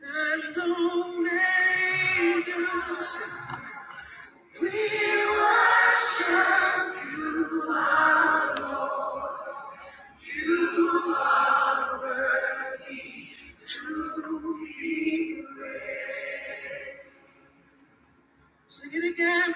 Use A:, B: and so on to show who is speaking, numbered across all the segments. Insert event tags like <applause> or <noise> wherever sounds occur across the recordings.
A: And only you say, we worship truly. Sing it again.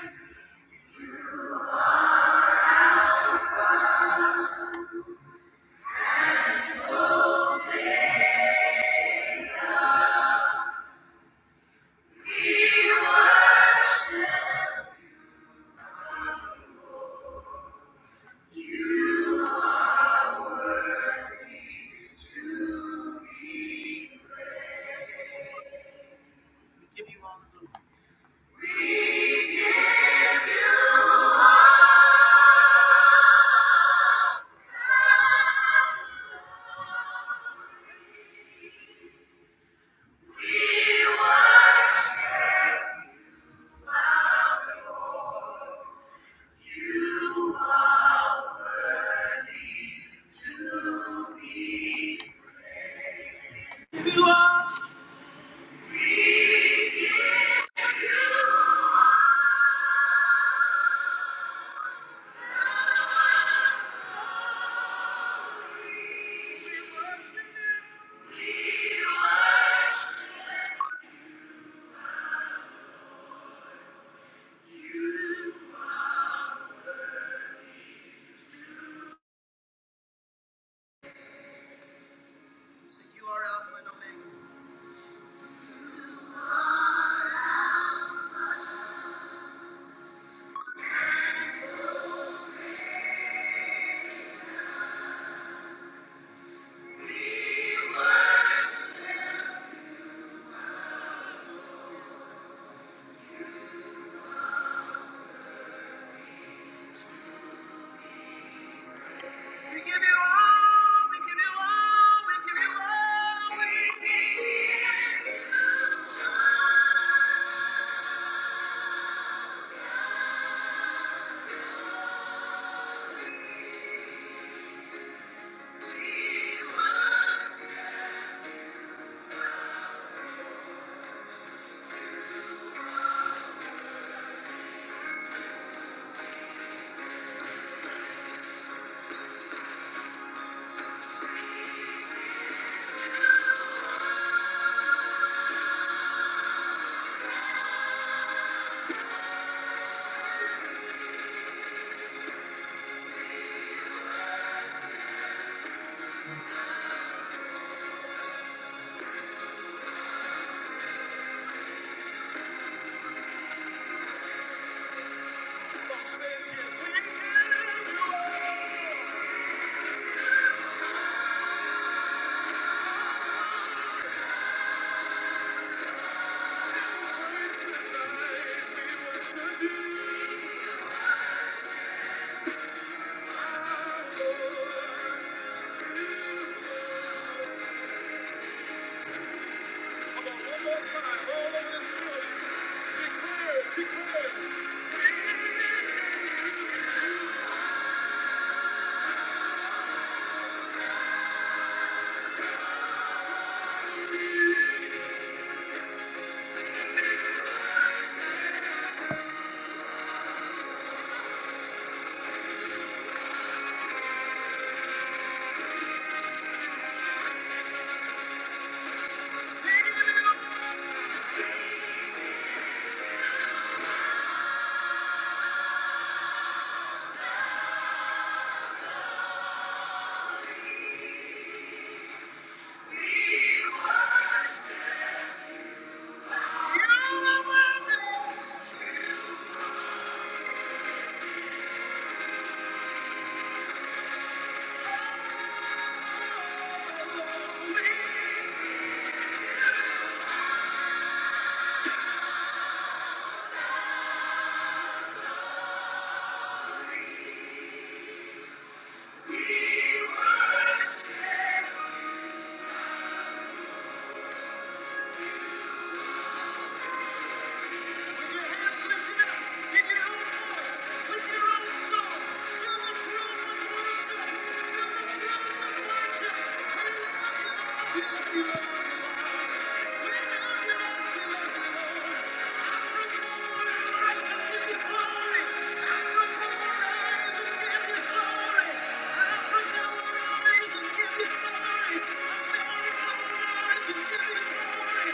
A: We give you all the glory. We give you all. You are Alpha and Omega. We give you all. We give you all. We give you all. We give you all. Come one more time, all over this building. Declare, it, declare. it. <laughs> Thank you.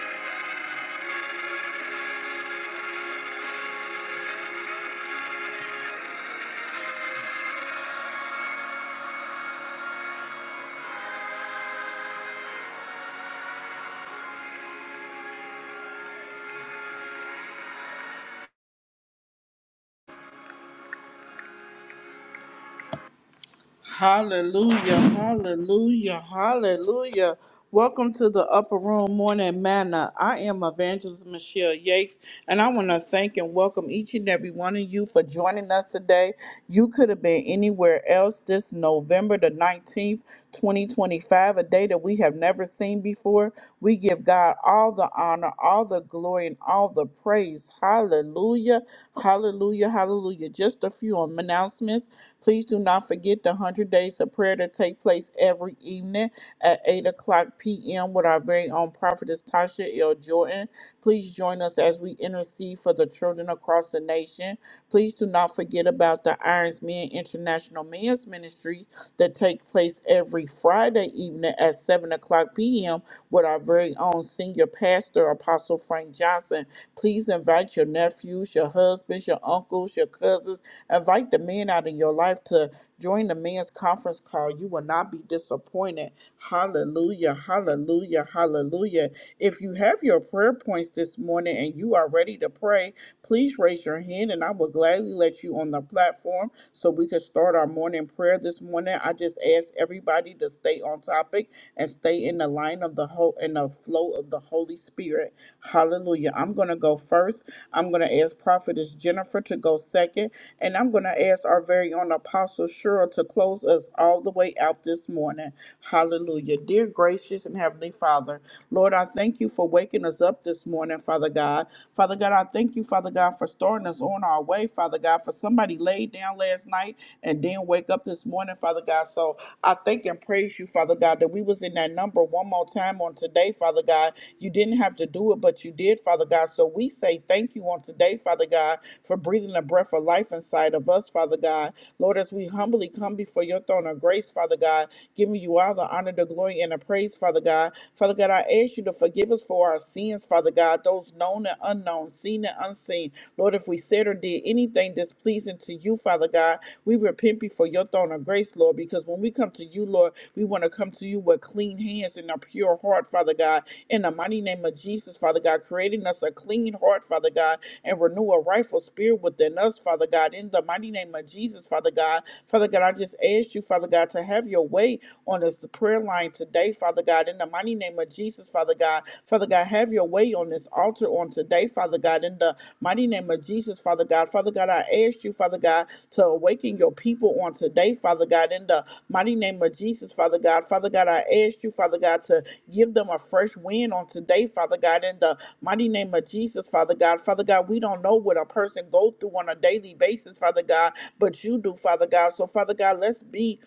A: Hallelujah, hallelujah, hallelujah. Welcome to the Upper Room Morning Manna. I am Evangelist Michelle Yates, and I want to thank and welcome each and every one of you for joining us today. You could have been anywhere else this November the 19th, 2025, a day that we have never seen before. We give God all the honor, all the glory, and all the praise. Hallelujah, hallelujah, hallelujah. Just a few announcements. Please do not forget the 100 days of prayer to take place every evening at 8 o'clock p.m. with our very own prophetess Tasha L. Jordan. Please join us as we intercede for the children across the nation. Please do not forget about the Irons Men International Men's Ministry that take place every Friday evening at 7 o'clock p.m. with our very own senior pastor, Apostle Frank Johnson. Please invite your nephews, your husbands, your uncles, your cousins, Invite the men out in your life to join the men's conference call. You will not be disappointed. Hallelujah, hallelujah, hallelujah. If you have your prayer points this morning and you are ready to pray, please raise your hand and I will gladly let you on the platform so we can start our morning prayer this morning. I just ask everybody to stay on topic and stay in the line of the whole in the flow of the Holy Spirit. Hallelujah. I'm gonna go first. I'm gonna ask Prophetess Jennifer to go second. And I'm going to ask our very own Apostle Cheryl to close us all the way out this morning. Hallelujah. Dear gracious and heavenly Father, Lord, I thank you for waking us up this morning, Father God. Father God, I thank you, Father God, for starting us on our way, Father God, for somebody laid down last night and didn't wake up this morning, Father God. So I thank and praise you, Father God, that we was in that number one more time on today, Father God. You didn't have to do it, but you did, Father God. So we say thank you on today, Father God, for breathing the breath of life inside of us, Father God. Lord, as we humbly come before your throne of grace, Father God, giving you all the honor, the glory, and the praise praise, Father God. Father God, I ask you to forgive us for our sins, Father God, those known and unknown, seen and unseen. Lord, if we said or did anything displeasing to you, Father God, we repent before your throne of grace, Lord, because when we come to you, Lord, we want to come to you with clean hands and a pure heart, Father God. In the mighty name of Jesus, Father God, creating us a clean heart, Father God, and renew a rightful spirit within us, Father God. In the mighty name of Jesus, Father God. Father God, I just ask you, Father God, to have your way on us the prayer line today, Father God, in the mighty name of Jesus, Father God. Father God, have your way on this altar on today, Father God, in the mighty name of Jesus, Father God. Father God, I ask you, Father God, to awaken your people on today, Father God, in the mighty name of Jesus, Father God. Father God, I ask you, Father God, to give them a fresh wind on today, Father God, in the mighty name of Jesus, Father God. Father God, we don't know what a person goes through on a daily basis, Father God, but you do, Father God. So, Father God, let's be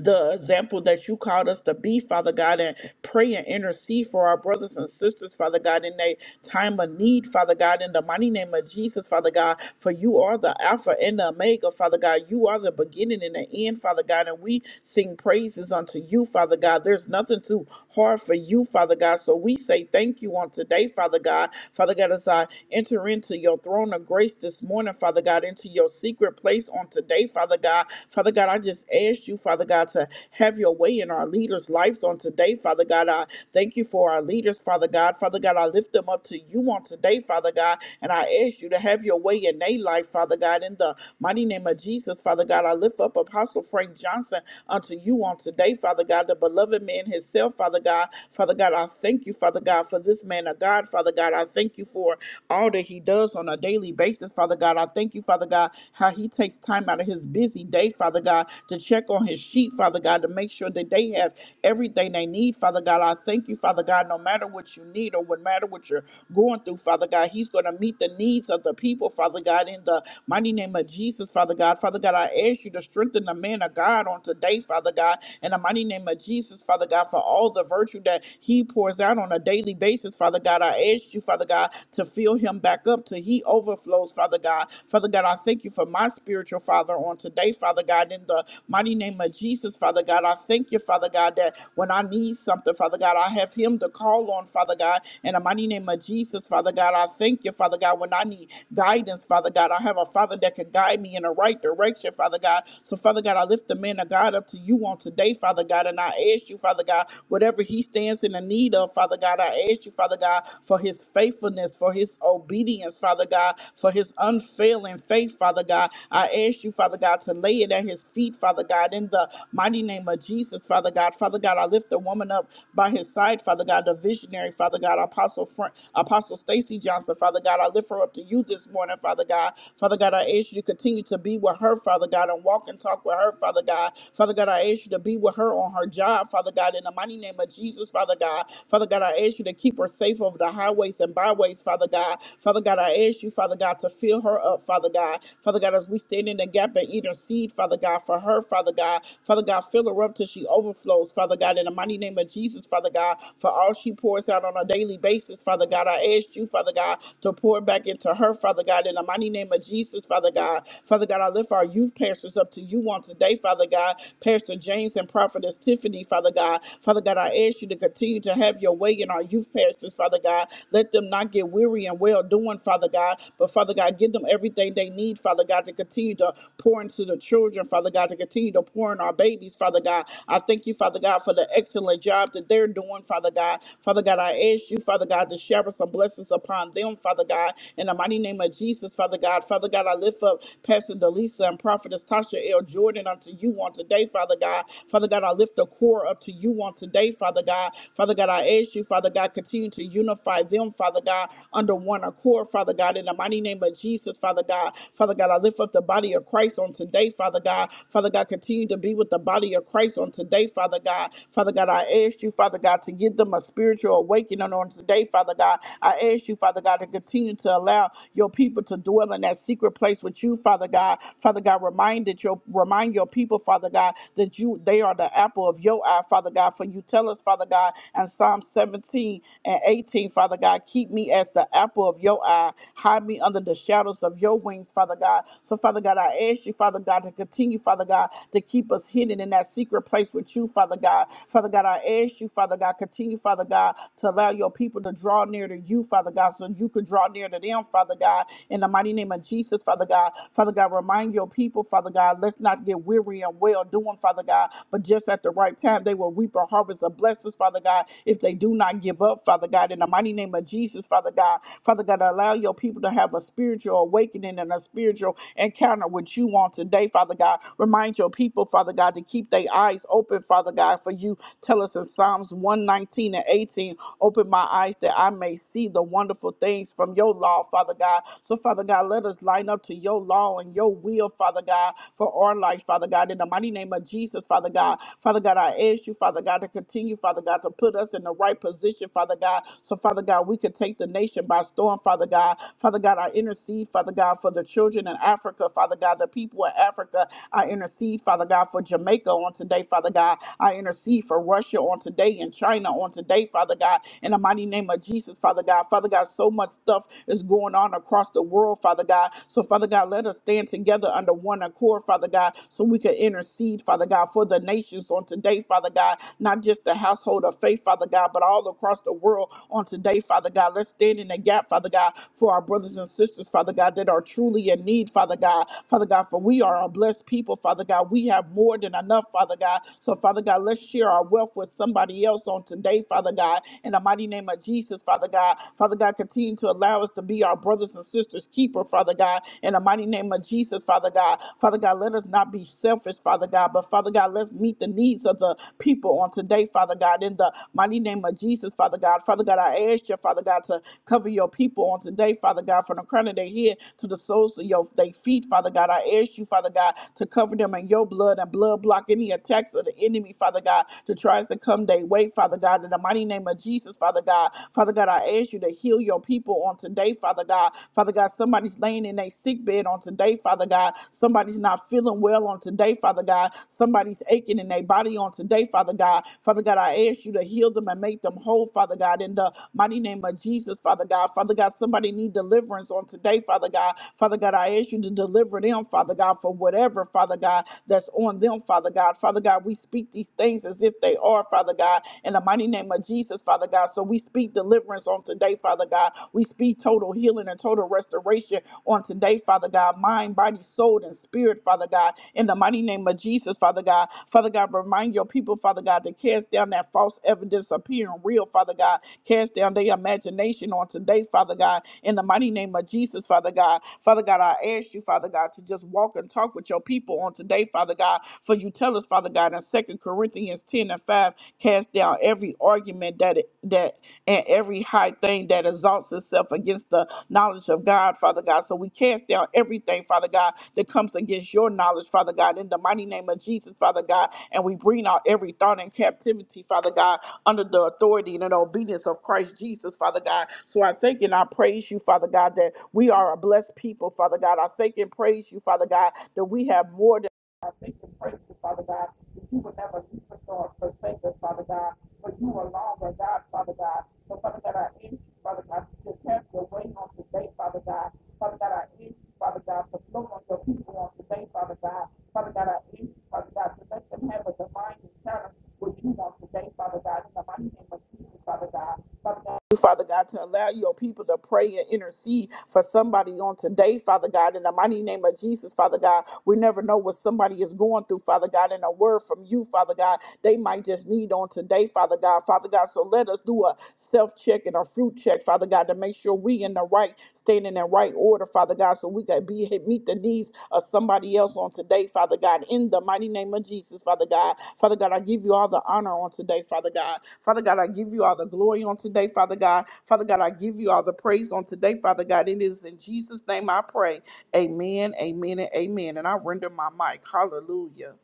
A: the example that you called us to be, Father God, and pray and intercede for our brothers and sisters, Father God, in a time of need, Father God, in the mighty name of Jesus, Father God, for you are the Alpha and the Omega, Father God. You are the beginning and the end, Father God, and we sing praises unto you, Father God. There's nothing too hard for you, Father God, so we say thank you on today, Father God. Father God, as I enter into your throne of grace this morning, Father God, into your secret place on today, Father God. Father God, I just ask you, Father God, God, to have your way in our leaders' lives on today, Father God. I thank you for our leaders, Father God. Father God, I lift them up to you on today, Father God, and I ask you to have your way in their life, Father God, in the mighty name of Jesus, Father God. I lift up Apostle Frank Johnson unto you on today, Father God, the beloved man himself, Father God. Father God, I thank you, Father God, for this man of God, Father God. I thank you for all that he does on a daily basis, Father God. I thank you, Father God, how he takes time out of his busy day, Father God, to check on his sheep sheep, Father God, to make sure that they have everything they need, Father God. I thank you, Father God, no matter what you need or what matter what you're going through, Father God, He's going to meet the needs of the people, Father God, in the mighty name of Jesus, Father God. Father God, I ask you to strengthen the man of God on today, Father God, in the mighty name of Jesus, Father God, for all the virtue that he pours out on a daily basis, Father God. I ask you, Father God, to fill him back up till he overflows, Father God. Father God, I thank you for my spiritual father on today, Father God, in the mighty name of of Jesus, Father God. I thank you, Father God, that when I need something, Father God, I have Him to call on, Father God. In the mighty name of Jesus, Father God, I thank you, Father God, when I need guidance, Father God, I have a Father that can guide me in the right direction, Father God. So, Father God, I lift the man of God up to you on today, Father God, and I ask you, Father God, whatever he stands in the need of, Father God, I ask you, Father God, for his faithfulness, for his obedience, Father God, for his unfailing faith, Father God. I ask you, Father God, to lay it at his feet, Father God, in the the mighty name of Jesus, Father God. Father God, I lift the woman up by his side, Father God, the visionary, Father God, Apostle Frank, Apostle Stacy Johnson, Father God. I lift her up to you this morning, Father God. Father God, I ask you to continue to be with her, Father God, and walk and talk with her, Father God. Father God, I ask you to be with her on her job, Father God, in the mighty name of Jesus, Father God. Father God, I ask you to keep her safe over the highways and byways, Father God. Father God, I ask you, Father God, to fill her up, Father God. Father God, as we stand in the gap and eat her seed, Father God, for her, Father God. God. Father God, fill her up till she overflows, Father God, in the mighty name of Jesus, Father God, for all she pours out on a daily basis, Father God. I ask you, Father God, to pour back into her, Father God, in the mighty name of Jesus, Father God. Father God, I lift our youth pastors up to you on today, Father God. Pastor James and Prophetess Tiffany, Father God. Father God, I ask you to continue to have your way in our youth pastors, Father God. Let them not get weary and well doing, Father God. But Father God, give them everything they need, Father God, to continue to pour into the children, Father God, to continue to pour pouring our babies, Father God. I thank you, Father God, for the excellent job that they're doing, Father God. Father God, I ask you, Father God, to shower some blessings upon them, Father God. In the mighty name of Jesus, Father God. Father God, I lift up Pastor Delisa and Prophetess Tasha L. Jordan unto you on today, Father God. Father God, I lift the core up to you on today, Father God. Father God, I ask you, Father God, continue to unify them, Father God, under one accord, Father God. In the mighty name of Jesus, Father God. Father God, I lift up the body of Christ on today, Father God. Father God, continue continue to be with the body of Christ on today, Father God. Father God, I ask you, Father God, to give them a spiritual awakening on today, Father God. I ask you, Father God, to continue to allow your people to dwell in that secret place with you, Father God. Father God, remind that your remind your people, Father God, that you they are the apple of your eye, Father God. For you tell us, Father God, in Psalm 17 and 18, Father God, keep me as the apple of your eye. Hide me under the shadows of your wings, Father God. So, Father God, I ask you, Father God, to continue, Father God, to to keep us hidden in that secret place with you, Father God. Father God, I ask you, Father God, continue, Father God, to allow your people to draw near to you, Father God, so you could draw near to them, Father God. In the mighty name of Jesus, Father God. Father God, remind your people, Father God, let's not get weary and well doing, Father God, but just at the right time, they will reap a harvest of blessings, Father God, if they do not give up, Father God. In the mighty name of Jesus, Father God. Father God, allow your people to have a spiritual awakening and a spiritual encounter with you on today, Father God. Remind your people people, Father God, to keep their eyes open, Father God, for you tell us in Psalms 119 and 18, open my eyes that I may see the wonderful things from your law, Father God. So, Father God, let us line up to your law and your will, Father God, for our life, Father God. In the mighty name of Jesus, Father God. Father God, I ask you, Father God, to continue, Father God, to put us in the right position, Father God. So, Father God, we could take the nation by storm, Father God. Father God, I intercede, Father God, for the children in Africa, Father God, the people in Africa. I intercede intercede, Father God, for Jamaica on today, Father God. I intercede for Russia on today and China on today, Father God, in the mighty name of Jesus, Father God. Father God, so much stuff is going on across the world, Father God. So, Father God, let us stand together under one accord, Father God, so we can intercede, Father God, for the nations on today, Father God, not just the household of faith, Father God, but all across the world on today, Father God. Let's stand in the gap, Father God, for our brothers and sisters, Father God, that are truly in need, Father God. Father God, for we are a blessed people, Father God. God. We have more than enough, Father God. So, Father God, let's share our wealth with somebody else on today, Father God. In the mighty name of Jesus, Father God. Father God, continue to allow us to be our brothers and sisters' keeper, Father God. In the mighty name of Jesus, Father God. Father God, let us not be selfish, Father God, but Father God, let's meet the needs of the people on today, Father God. In the mighty name of Jesus, Father God. Father God, I ask you, Father God, to cover your people on today, Father God, from the crown of their head to the soles of your their feet, Father God. I ask you, Father God, to cover them in covering your blood and blood block any attacks of the enemy, Father God, that tries to come their way, Father God, in the mighty name of Jesus, Father God. Father God, I ask you to heal your people on today, Father God. Father God, somebody's laying in a sick bed on today, Father God. Somebody's not feeling well on today, Father God. Somebody's aching in their body on today, Father God. Father God, I ask you to heal them and make them whole, Father God, in the mighty name of Jesus, Father God. Father God, somebody need deliverance on today, Father God. Father God, I ask you to deliver them, Father God, for whatever, Father God, God, that's on them, Father God. Father God, we speak these things as if they are, Father God, in the mighty name of Jesus, Father God. So we speak deliverance on today, Father God. We speak total healing and total restoration on today, Father God. Mind, body, soul, and spirit, Father God, in the mighty name of Jesus, Father God. Father God, remind your people, Father God, to cast down that false evidence appearing real, Father God. Cast down their imagination on today, Father God, in the mighty name of Jesus, Father God. Father God, I ask you, Father God, to just walk and talk with your people on today today, Father God. For you tell us, Father God, in Second Corinthians 10 and 5, cast down every argument that that and every high thing that exalts itself against the knowledge of God, Father God. So we cast down everything, Father God, that comes against your knowledge, Father God, in the mighty name of Jesus, Father God. And we bring out every thought in captivity, Father God, under the authority and the obedience of Christ Jesus, Father God. So I thank and I praise you, Father God, that we are a blessed people, Father God. I thank and praise you, Father God, that we have more. than I thank and praise you, Father God, that you will never leave us or forsake us, Father God, for you alone are God, Father God. So, Father God, I ask you, Father God, to just have your way on today, Father God. Father God, I ask you, Father God, to flow on your people on today, Father God. Father God, I ask you, Father God, to let them have a divine encounter with you on today, Father God, in the mighty name of Jesus, Father God. Father God, Father God, to allow your people to pray and intercede for somebody on today, Father God, in the mighty name of Jesus, Father God. We never know what somebody is going through, Father God, and a word from you, Father God, they might just need on today, Father God. Father God, so let us do a self check and a fruit check, Father God, to make sure we in the right standing in right order, Father God so we can be meet the needs of somebody else on today, Father God. In the mighty name of Jesus, Father God. Father God, I give you all the honor on today, Father God. Father God, I give you all the glory on today, Father God. Father God, I give you all the praise on today, Father God. It is in Jesus' name I pray. Amen, amen, and amen. And I render my mic. Hallelujah.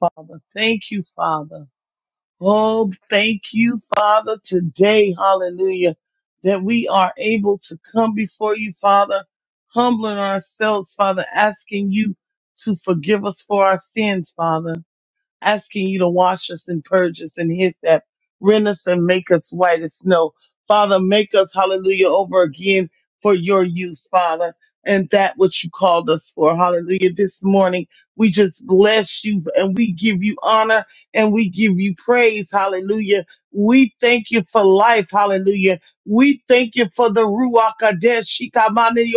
B: Father. Thank you, Father. Oh, thank you, Father, today. Hallelujah. That we are able to come before you, Father, humbling ourselves, Father, asking you to forgive us for our sins, Father asking you to wash us and purge us and his that rend us and make us white as snow. Father, make us, hallelujah, over again for your use, Father, and that which you called us for. Hallelujah. This morning, we just bless you and we give you honor and we give you praise. Hallelujah. We thank you for life. Hallelujah. We thank you for the Ruach Kadesh, Shikamani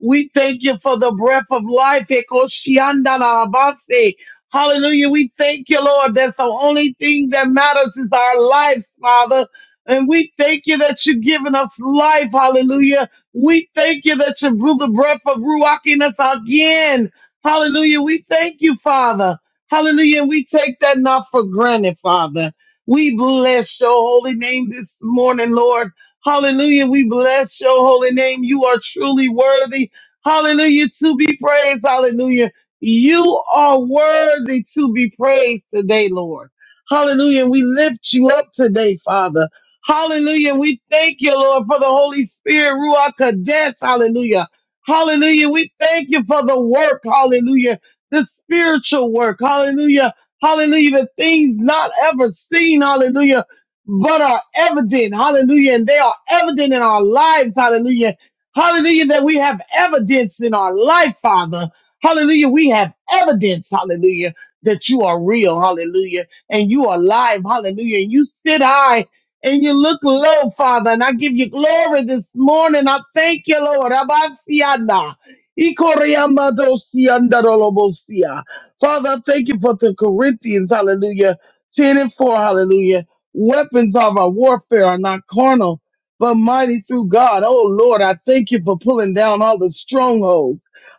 B: We thank you for the breath of life. Ekoshianda la base. Hallelujah. We thank you, Lord. That's the only thing that matters is our lives, Father. And we thank you that you've given us life. Hallelujah. We thank you that you blew the breath of Ruach in us again. Hallelujah. We thank you, Father. Hallelujah. And we take that not for granted, Father. We bless your holy name this morning, Lord. Hallelujah. We bless your holy name. You are truly worthy. Hallelujah. To be praised. Hallelujah. You are worthy to be praised today, Lord. Hallelujah. And we lift you up today, Father. Hallelujah. And we thank you, Lord, for the Holy Spirit, Ruach Kadesh. Hallelujah. Hallelujah. We thank you for the work. Hallelujah. The spiritual work. Hallelujah. Hallelujah. The things not ever seen. Hallelujah. But are evident. Hallelujah. And they are evident in our lives. Hallelujah. Hallelujah. That we have evidence in our life, Father. Hallelujah. We have evidence, hallelujah, that you are real, hallelujah, and you are alive, hallelujah. And you sit high and you look low, Father, and I give you glory this morning. I thank you, Lord. Abasiana. Ikoriamadosiandorolobosia. Father, I thank you for the Corinthians, hallelujah, 10 and 4, hallelujah. Weapons of our warfare are not carnal, but mighty through God. Oh, Lord, I thank you for pulling down all the strongholds.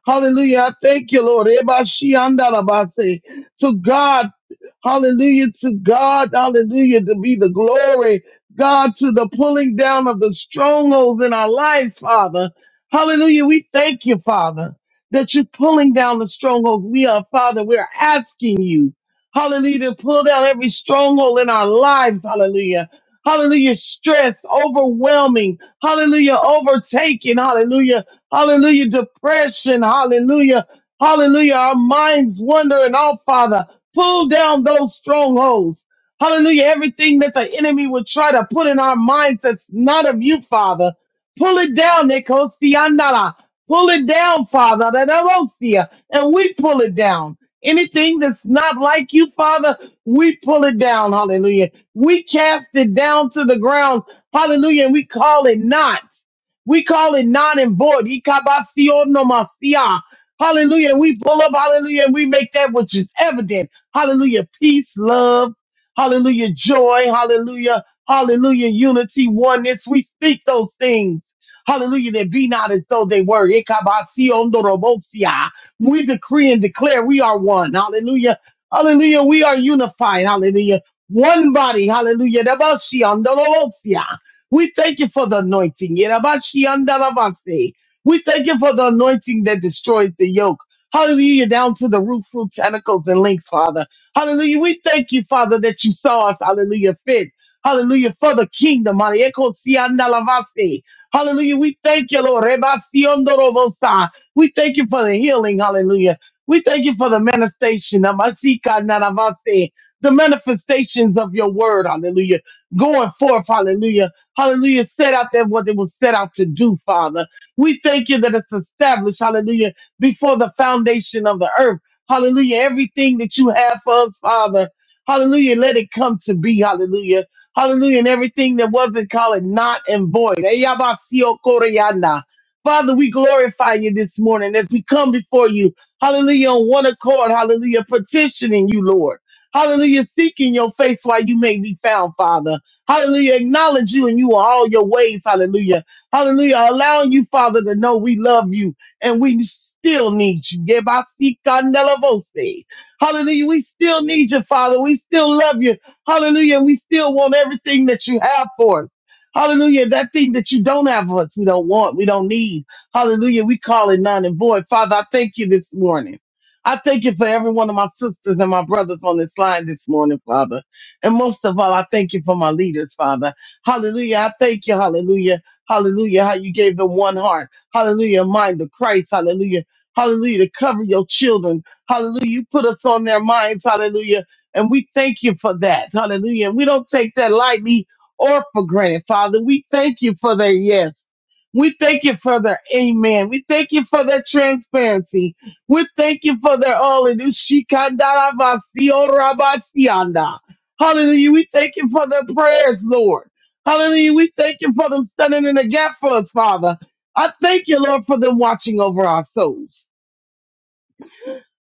B: Hallelujah. I thank you, Lord. Ebashiandalabase. To God, hallelujah. To God, hallelujah. To be the glory, God, to the pulling down of the strongholds in our lives, Father. Hallelujah. We thank you, Father, that you're pulling down the strongholds. We are, Father, we're asking you, hallelujah, to pull down every stronghold in our lives, hallelujah. Hallelujah, stress, overwhelming, hallelujah, overtaking, hallelujah. Hallelujah. Depression. Hallelujah. Hallelujah. Our minds wandering off, Father. Pull down those strongholds. Hallelujah. Everything that the enemy would try to put in our minds that's not of you, Father. Pull it down, Nikosianara. Pull it down, Father. Nanarosia. And we pull it down. Anything that's not like you, Father, we pull it down. Hallelujah. We cast it down to the ground. Hallelujah. And we call it not. We call it non and void. Ikabasionomasia. Hallelujah. And we pull up, hallelujah, and we make that which is evident. Hallelujah. Peace, love, hallelujah, joy, hallelujah, hallelujah, unity, oneness. We speak those things. Hallelujah, that be not as though they were. Ikabasionorobosia. We decree and declare we are one. Hallelujah. Hallelujah. We are unified. Hallelujah. One body. Hallelujah. Dabashionorobosia. We thank you for the anointing. Yerabashiandarabase. We thank you for the anointing that destroys the yoke. Hallelujah, down to the root, fruit, tentacles, and links, Father. Hallelujah. We thank you, Father, that you saw us. Hallelujah. Fit. Hallelujah. For the kingdom. Hallelujah. Ekosiandalavase. Hallelujah. We thank you, Lord. Rebasiondorobosa. We thank you for the healing. Hallelujah. We thank you for the manifestation. Namasika naravase. The manifestations of your word. Hallelujah. Going forth. Hallelujah Hallelujah. Set out there what it was set out to do, Father. We thank you that it's established, hallelujah, before the foundation of the earth. Hallelujah. Everything that you have for us, Father. Hallelujah. Let it come to be. Hallelujah. Hallelujah. And everything that wasn't called not and void. Eyabasiokoriana. Father, we glorify you this morning as we come before you. Hallelujah. On one accord. Hallelujah. Petitioning you, Lord. Hallelujah. Seeking your face while you may be found, Father. Hallelujah. Acknowledge you and you are all your ways. Hallelujah. Hallelujah. Allowing you, Father, to know we love you and we still need you. Yebasikandalabose. Hallelujah. We still need you, Father. We still love you. Hallelujah. And we still want everything that you have for us. Hallelujah. That thing that you don't have for us, we don't want, we don't need. Hallelujah. We call it none and void. Father, I thank you this morning. I thank you for every one of my sisters and my brothers on this line this morning, Father. And most of all, I thank you for my leaders, Father. Hallelujah. I thank you. Hallelujah. Hallelujah. How you gave them one heart. Hallelujah. Mind of Christ. Hallelujah. Hallelujah. To cover your children. Hallelujah. You put us on their minds. Hallelujah. And we thank you for that. Hallelujah. And we don't take that lightly or for granted, Father. We thank you for their yes. We thank you for their amen. We thank you for their transparency. We thank you for their all. And Hallelujah. We thank you for the prayers, Lord. Hallelujah. We thank you for them standing in the gap for us, Father. I thank you, Lord, for them watching over our souls.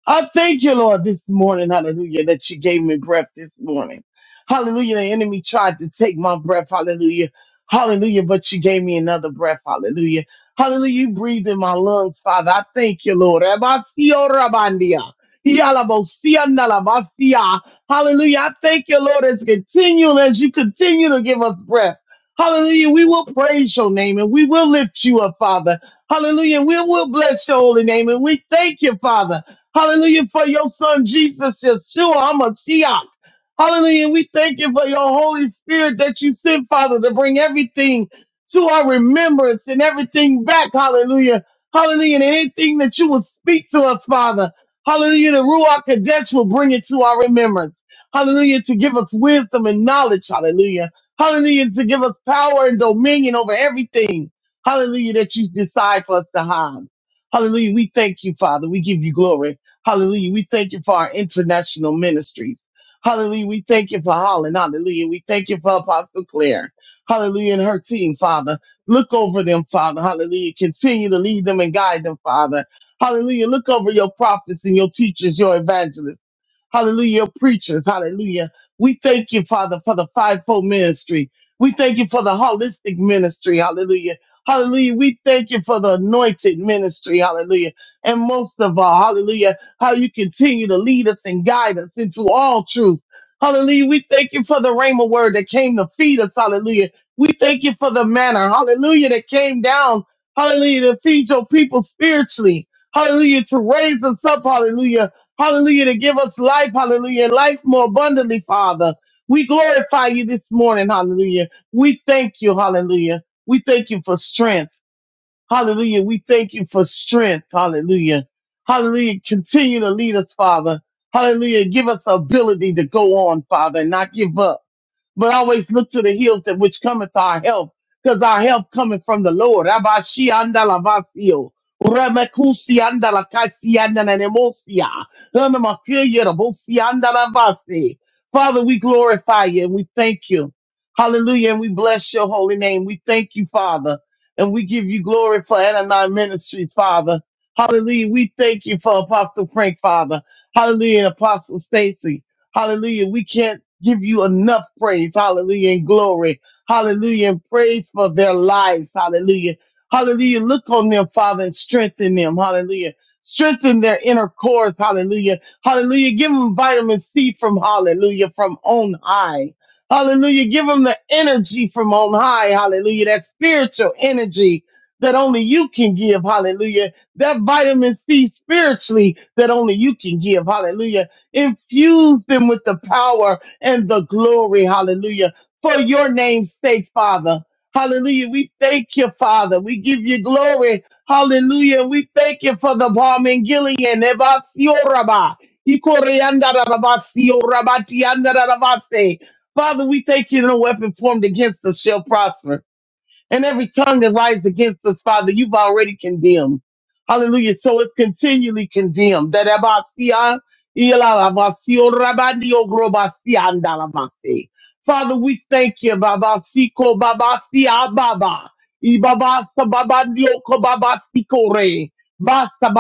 B: I thank you, Lord, this morning, hallelujah, that you gave me breath this morning. Hallelujah, the enemy tried to take my breath, hallelujah, hallelujah, but you gave me another breath, hallelujah. Hallelujah, you breathe in my lungs, Father. I thank you, Lord. Abasio rabandia, yalabosia nalabasia. Hallelujah, I thank you, Lord, as continue, as you continue to give us breath. Hallelujah, we will praise your name and we will lift you up, Father. Hallelujah, we will bless your holy name and we thank you, Father. Hallelujah for your son Jesus, Yeshua HaMashiach. Hallelujah. We thank you for your Holy Spirit that you sent, Father, to bring everything to our remembrance and everything back. Hallelujah. Hallelujah. And anything that you will speak to us, Father. Hallelujah. The Ruach Kadesh will bring it to our remembrance. Hallelujah. To give us wisdom and knowledge. Hallelujah. Hallelujah. To give us power and dominion over everything. Hallelujah. That you decide for us to have. Hallelujah. We thank you, Father. We give you glory. Hallelujah. We thank you for our international ministries. Hallelujah. We thank you for Holland. Hallelujah. We thank you for Apostle Claire. Hallelujah. And her team, Father. Look over them, Father. Hallelujah. Continue to lead them and guide them, Father. Hallelujah. Look over your prophets and your teachers, your evangelists. Hallelujah. Preachers. Hallelujah. We thank you, Father, for the fivefold ministry. We thank you for the holistic ministry. Hallelujah. Hallelujah. We thank you for the anointed ministry. Hallelujah. And most of all, hallelujah, how you continue to lead us and guide us into all truth. Hallelujah. We thank you for the rhema word that came to feed us. Hallelujah. We thank you for the manna. Hallelujah. That came down. Hallelujah. To feed your people spiritually. Hallelujah. To raise us up. Hallelujah Hallelujah, to give us life, hallelujah, and life more abundantly, Father. We glorify you this morning, hallelujah. We thank you, hallelujah. We thank you for strength, hallelujah. We thank you for strength, hallelujah. Hallelujah. Continue to lead us, Father. Hallelujah. Give us the ability to go on, Father, and not give up but always look to the hills that which cometh our help, because our help cometh from the Lord. Abashi andalavasio, Ramakusi andalakasi andananemosia, Ranamakuya rabosi andalavasi. Father, we glorify you and we thank you. Hallelujah. And we bless your holy name. We thank you, Father. And we give you glory for Anani Ministries, Father. Hallelujah. We thank you for Apostle Frank, Father. Hallelujah. And Apostle Stacy. Hallelujah. We can't give you enough praise. Hallelujah. And glory. Hallelujah. And praise for their lives. Hallelujah. Hallelujah. Look on them, Father, and strengthen them. Hallelujah. Strengthen their inner cores. Hallelujah. Hallelujah. Give them vitamin C from hallelujah, from on high. Hallelujah. Give them the energy from on high. Hallelujah. That spiritual energy that only you can give. Hallelujah. That vitamin C spiritually that only you can give. Hallelujah. Infuse them with the power and the glory. Hallelujah. For your name's sake, Father. Hallelujah. We thank you, Father. We give you glory. Hallelujah. We thank you for the bomb in Gilead. Ebasioraba. Ikoriandarabasiorabatiandarabase. Father, we thank you. No weapon formed against us shall prosper. And every tongue that rises against us, Father, you've already condemned. Hallelujah. So it's continually condemned. That abasia, ilalabasio, rabandio, grobasia, andalabase. Father, we thank you, Baba Siko Baba Sia Baba. Ibaba Sababandio Kobaba Sikore. Basa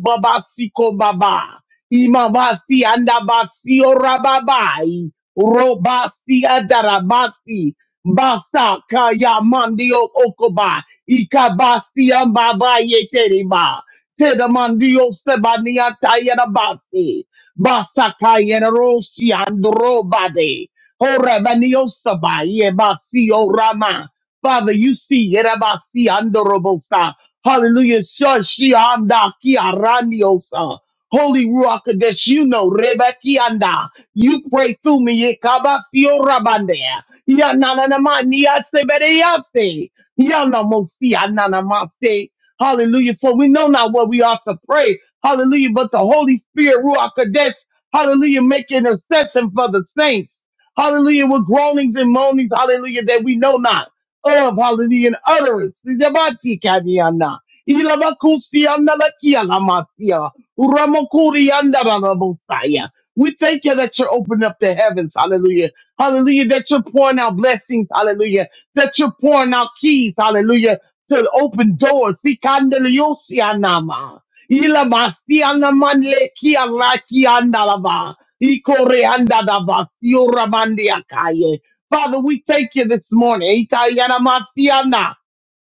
B: Baba Siko Baba. Imabasi Andabasi Orababai. Robasi Adarabasi. Basa kaya mandio okoba. Ikabasi ambaba yeteriba. Teda mandio sebania tayera basi. Basa kaya rosi andro bade. Ora banio saba ye basi orama. Father, you see yerabasi andorobosa. Hallelujah. Shashi anda ki arandiosa. Holy Ruach Kadesh, you know, Rebeki anda. You pray through me, Yekaba Fiorabande. Ya na na na ma ni ya se be de ya se. Ya na mo si ya na na ma se. Hallelujah. For we know not what we ought to pray. Hallelujah. But the Holy Spirit, Ruach Kadesh, hallelujah, make intercession for the saints. Hallelujah. With groanings and moanings, hallelujah, that we know not of. Hallelujah. And utterance. Jabati kadiyana. Ilabakusi andalakia lamasia. Uramokuri andabalabosaya. We thank you that you're opening up the heavens. Hallelujah Hallelujah. That you're pouring out blessings. Hallelujah. That you're pouring out keys. Hallelujah. To open doors. Sikandaliyosianama. Ilamasianamanlekialakiandalaba. Ikoreandadabasiuramandiakaye. Father, we thank you this morning. Ikayanamasiana.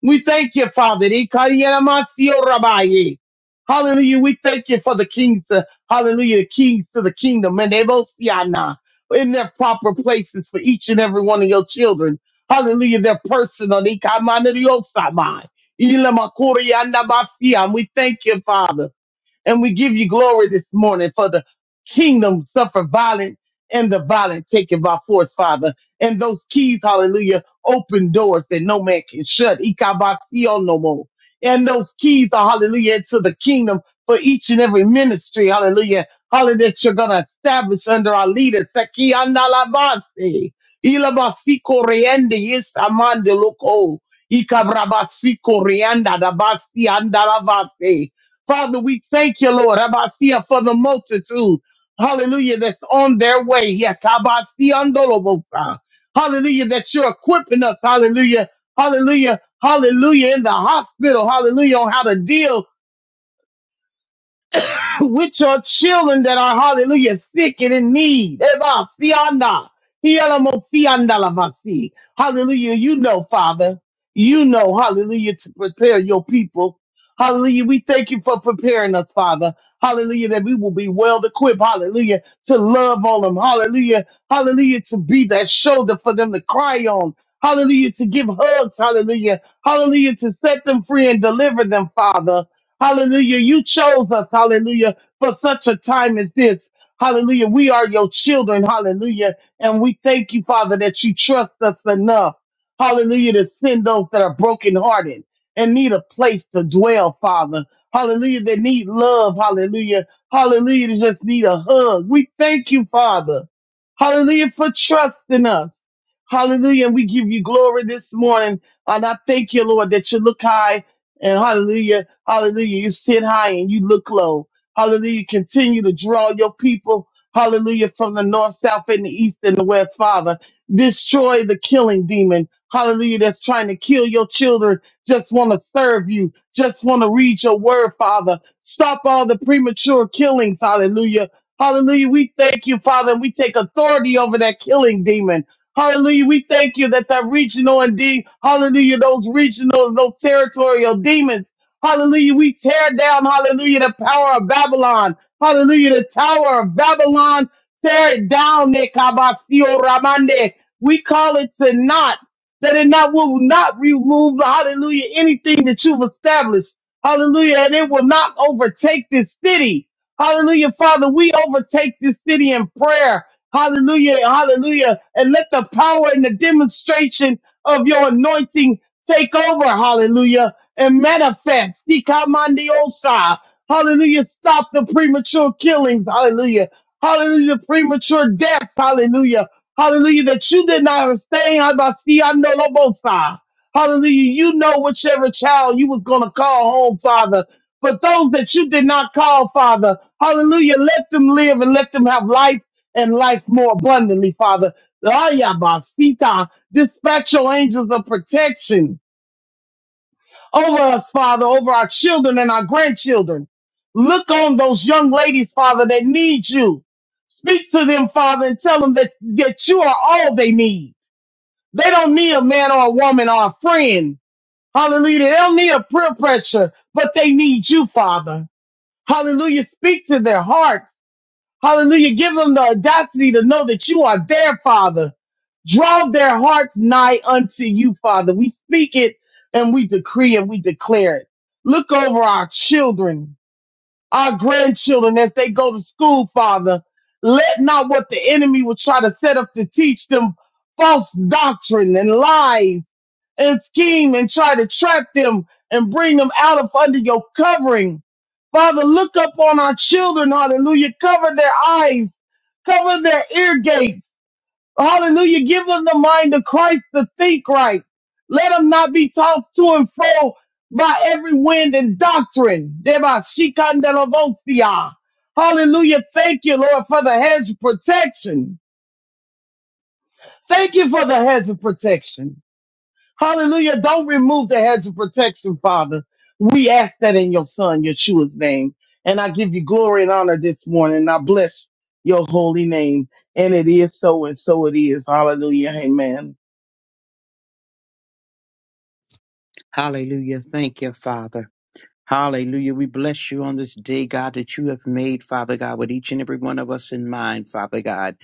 B: We thank you, Father. Ikariyamasio rabaye. Hallelujah. We thank you for the kings. uh, hallelujah. kings to the kingdom. And they both in their proper places for each and every one of your children. Hallelujah. Their personal. Ikamaneriosama. Ilamakuriyanamasi. And we thank you, Father. And we give you glory this morning for the kingdom suffer violent and the violent taken by force, Father. And those keys, hallelujah, open doors that no man can shut. Ikabasio no more. And those keys are, hallelujah, to the kingdom for each and every ministry, hallelujah. Hallelujah, that you're going to establish under our leader. Takiandalabase. Ilabasiko reende yeshamande loko. Ikabrabasiko reanda dabasi andalabase. Father, we thank you, Lord, Abasia, for the multitude. Hallelujah, that's on their way. Yeah, Kabasiandolobosa. Hallelujah, that you're equipping us. Hallelujah. Hallelujah. Hallelujah. In the hospital. Hallelujah. On how to deal. <coughs> <laughs> with your children that are hallelujah sick and in need. Eva, Sianda, Hielamo, Sianda, Lavasi. Hallelujah. You know, Father, you know, hallelujah, to prepare your people. Hallelujah. We thank you for preparing us, Father. Hallelujah, that we will be well equipped. Hallelujah, to love on them. Hallelujah. Hallelujah, to be that shoulder for them to cry on. Hallelujah, to give hugs. Hallelujah. Hallelujah, to set them free and deliver them, Father. Hallelujah. You chose us, hallelujah, for such a time as this. Hallelujah. We are your children, hallelujah. And we thank you, Father, that you trust us enough, hallelujah, to send those that are brokenhearted and need a place to dwell, Father. Hallelujah. They need love, hallelujah. Hallelujah. They just need a hug. We thank you, Father. Hallelujah, for trusting us. Hallelujah. And we give you glory this morning. And I thank you, Lord, that you look high and hallelujah Hallelujah. You sit high and you look low. Hallelujah. Continue to draw your people. Hallelujah. From the north, south, and the east and the west, Father. Destroy the killing demon. Hallelujah. That's trying to kill your children. Just want to serve you. Just want to read your word, Father. Stop all the premature killings. Hallelujah. Hallelujah. We thank you, Father, and we take authority over that killing demon. Hallelujah. We thank you that that regional and de- hallelujah, those regional, those territorial demons. Hallelujah. We tear down, hallelujah, the power of Babylon. Hallelujah. The tower of Babylon. Tear it down, Nekabasio Ramande. We call it to naught. That it not will not remove, hallelujah, anything that you've established. Hallelujah. And it will not overtake this city. Hallelujah. Father, we overtake this city in prayer. Hallelujah. Hallelujah. And let the power and the demonstration of your anointing take over. Hallelujah and manifest. Ikamandiosa. Hallelujah. Stop the premature killings. Hallelujah. Hallelujah. Premature deaths. Hallelujah. Hallelujah. That you did not abstain. Habasianolobosa. Hallelujah. You know whichever child you was going to call home, Father. But those that you did not call, Father, hallelujah, let them live and let them have life and life more abundantly, Father. Ayabasita. Dispatch your angels of protection over us, Father, over our children and our grandchildren. Look on those young ladies, Father, that need you. Speak to them, Father, and tell them that, that you are all they need. They don't need a man or a woman or a friend. Hallelujah. They don't need a peer pressure, but they need you, Father. Hallelujah. Speak to their hearts. Hallelujah. Give them the audacity to know that you are their Father. Draw their hearts nigh unto you, Father. We speak it and we decree and we declare it. Look over our children, our grandchildren as they go to school, Father. Let not what the enemy will try to set up to teach them false doctrine and lies and scheme and try to trap them and bring them out of under your covering. Father, look up on our children, hallelujah. Cover their eyes Cover their ear gates. Hallelujah. Give them the mind of Christ to think right. Let them not be tossed to and fro by every wind and doctrine. Deba shikandelavosia. Hallelujah. Thank you, Lord, for the hedge of protection. Thank you for the hedge of protection. Hallelujah. Don't remove the hedge of protection, Father. We ask that in your son, Yeshua's name. And I give you glory and honor this morning. And I bless your holy name. And it is so and so it is. Hallelujah. Amen.
C: Hallelujah. Thank you, Father. Hallelujah. We bless you on this day, God, that you have made, Father God, with each and every one of us in mind, Father God.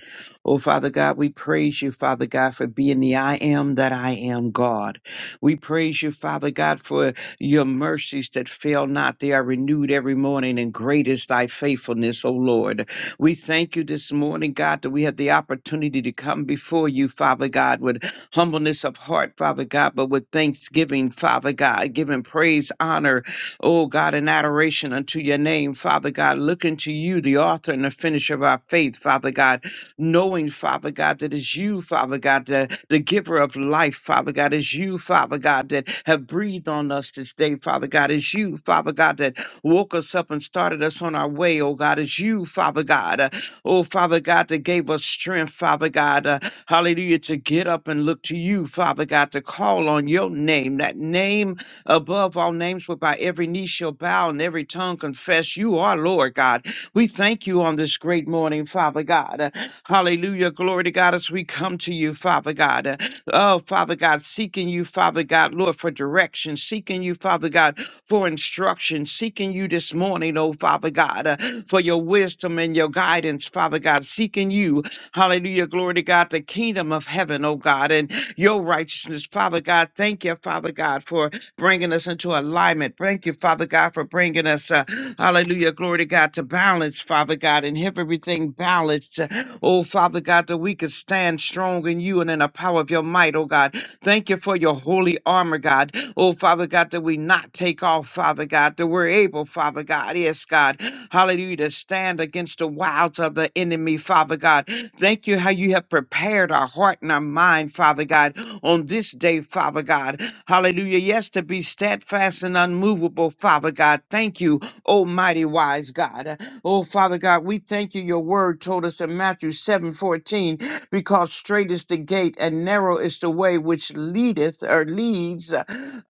C: Oh, Father God, we praise you, Father God, for being the I am that I am, God. We praise you, Father God, for your mercies that fail not. They are renewed every morning, and great is thy faithfulness, O Lord. We thank you this morning, God, that we have the opportunity to come before you, Father God, with humbleness of heart, Father God, but with thanksgiving, Father God, giving praise, honor, Oh God, in adoration unto your name, Father God, looking to you, the author and the finisher of our faith, Father God, knowing, Father God, that it's you, Father God, the, the giver of life, Father God, it's you, Father God, that have breathed on us this day, Father God, it's you, Father God, that woke us up and started us on our way, oh God, it's you, Father God, uh, oh Father God, that gave us strength, Father God, uh, hallelujah, to get up and look to you, Father God, to call on your name, that name above all names whereby every knee shall bow and every tongue confess you are Lord God. We thank you on this great morning, Father God. Uh, Hallelujah. Glory to God as we come to you, Father God. Uh, Oh, Father God, seeking you, Father God, Lord, for direction, seeking you, Father God, for instruction, seeking you this morning, oh Father God, uh, for your wisdom and your guidance, Father God, seeking you, hallelujah, glory to God, the kingdom of heaven, oh God, and your righteousness, Father God. Thank you, Father God, for bringing us into alignment. Thank you, Father God, for bringing us, uh, hallelujah, glory to God, to balance, Father God, and have everything balanced. uh, Oh, Father God, that we could stand strong in you and in the power of your might, oh God. Thank you for your holy armor, God. Oh, Father God, that we not take off, Father God, that we're able, Father God, yes, God, hallelujah, to stand against the wiles of the enemy, Father God. Thank you how you have prepared our heart and our mind, Father God, on this day, Father God. Hallelujah. Yes, to be steadfast and unmovable, Father God. Thank you, Almighty Wise God. Oh, Father God, we thank you. Your word told us in Matthew seven fourteen, because straight is the gate and narrow is the way which leadeth or leads uh,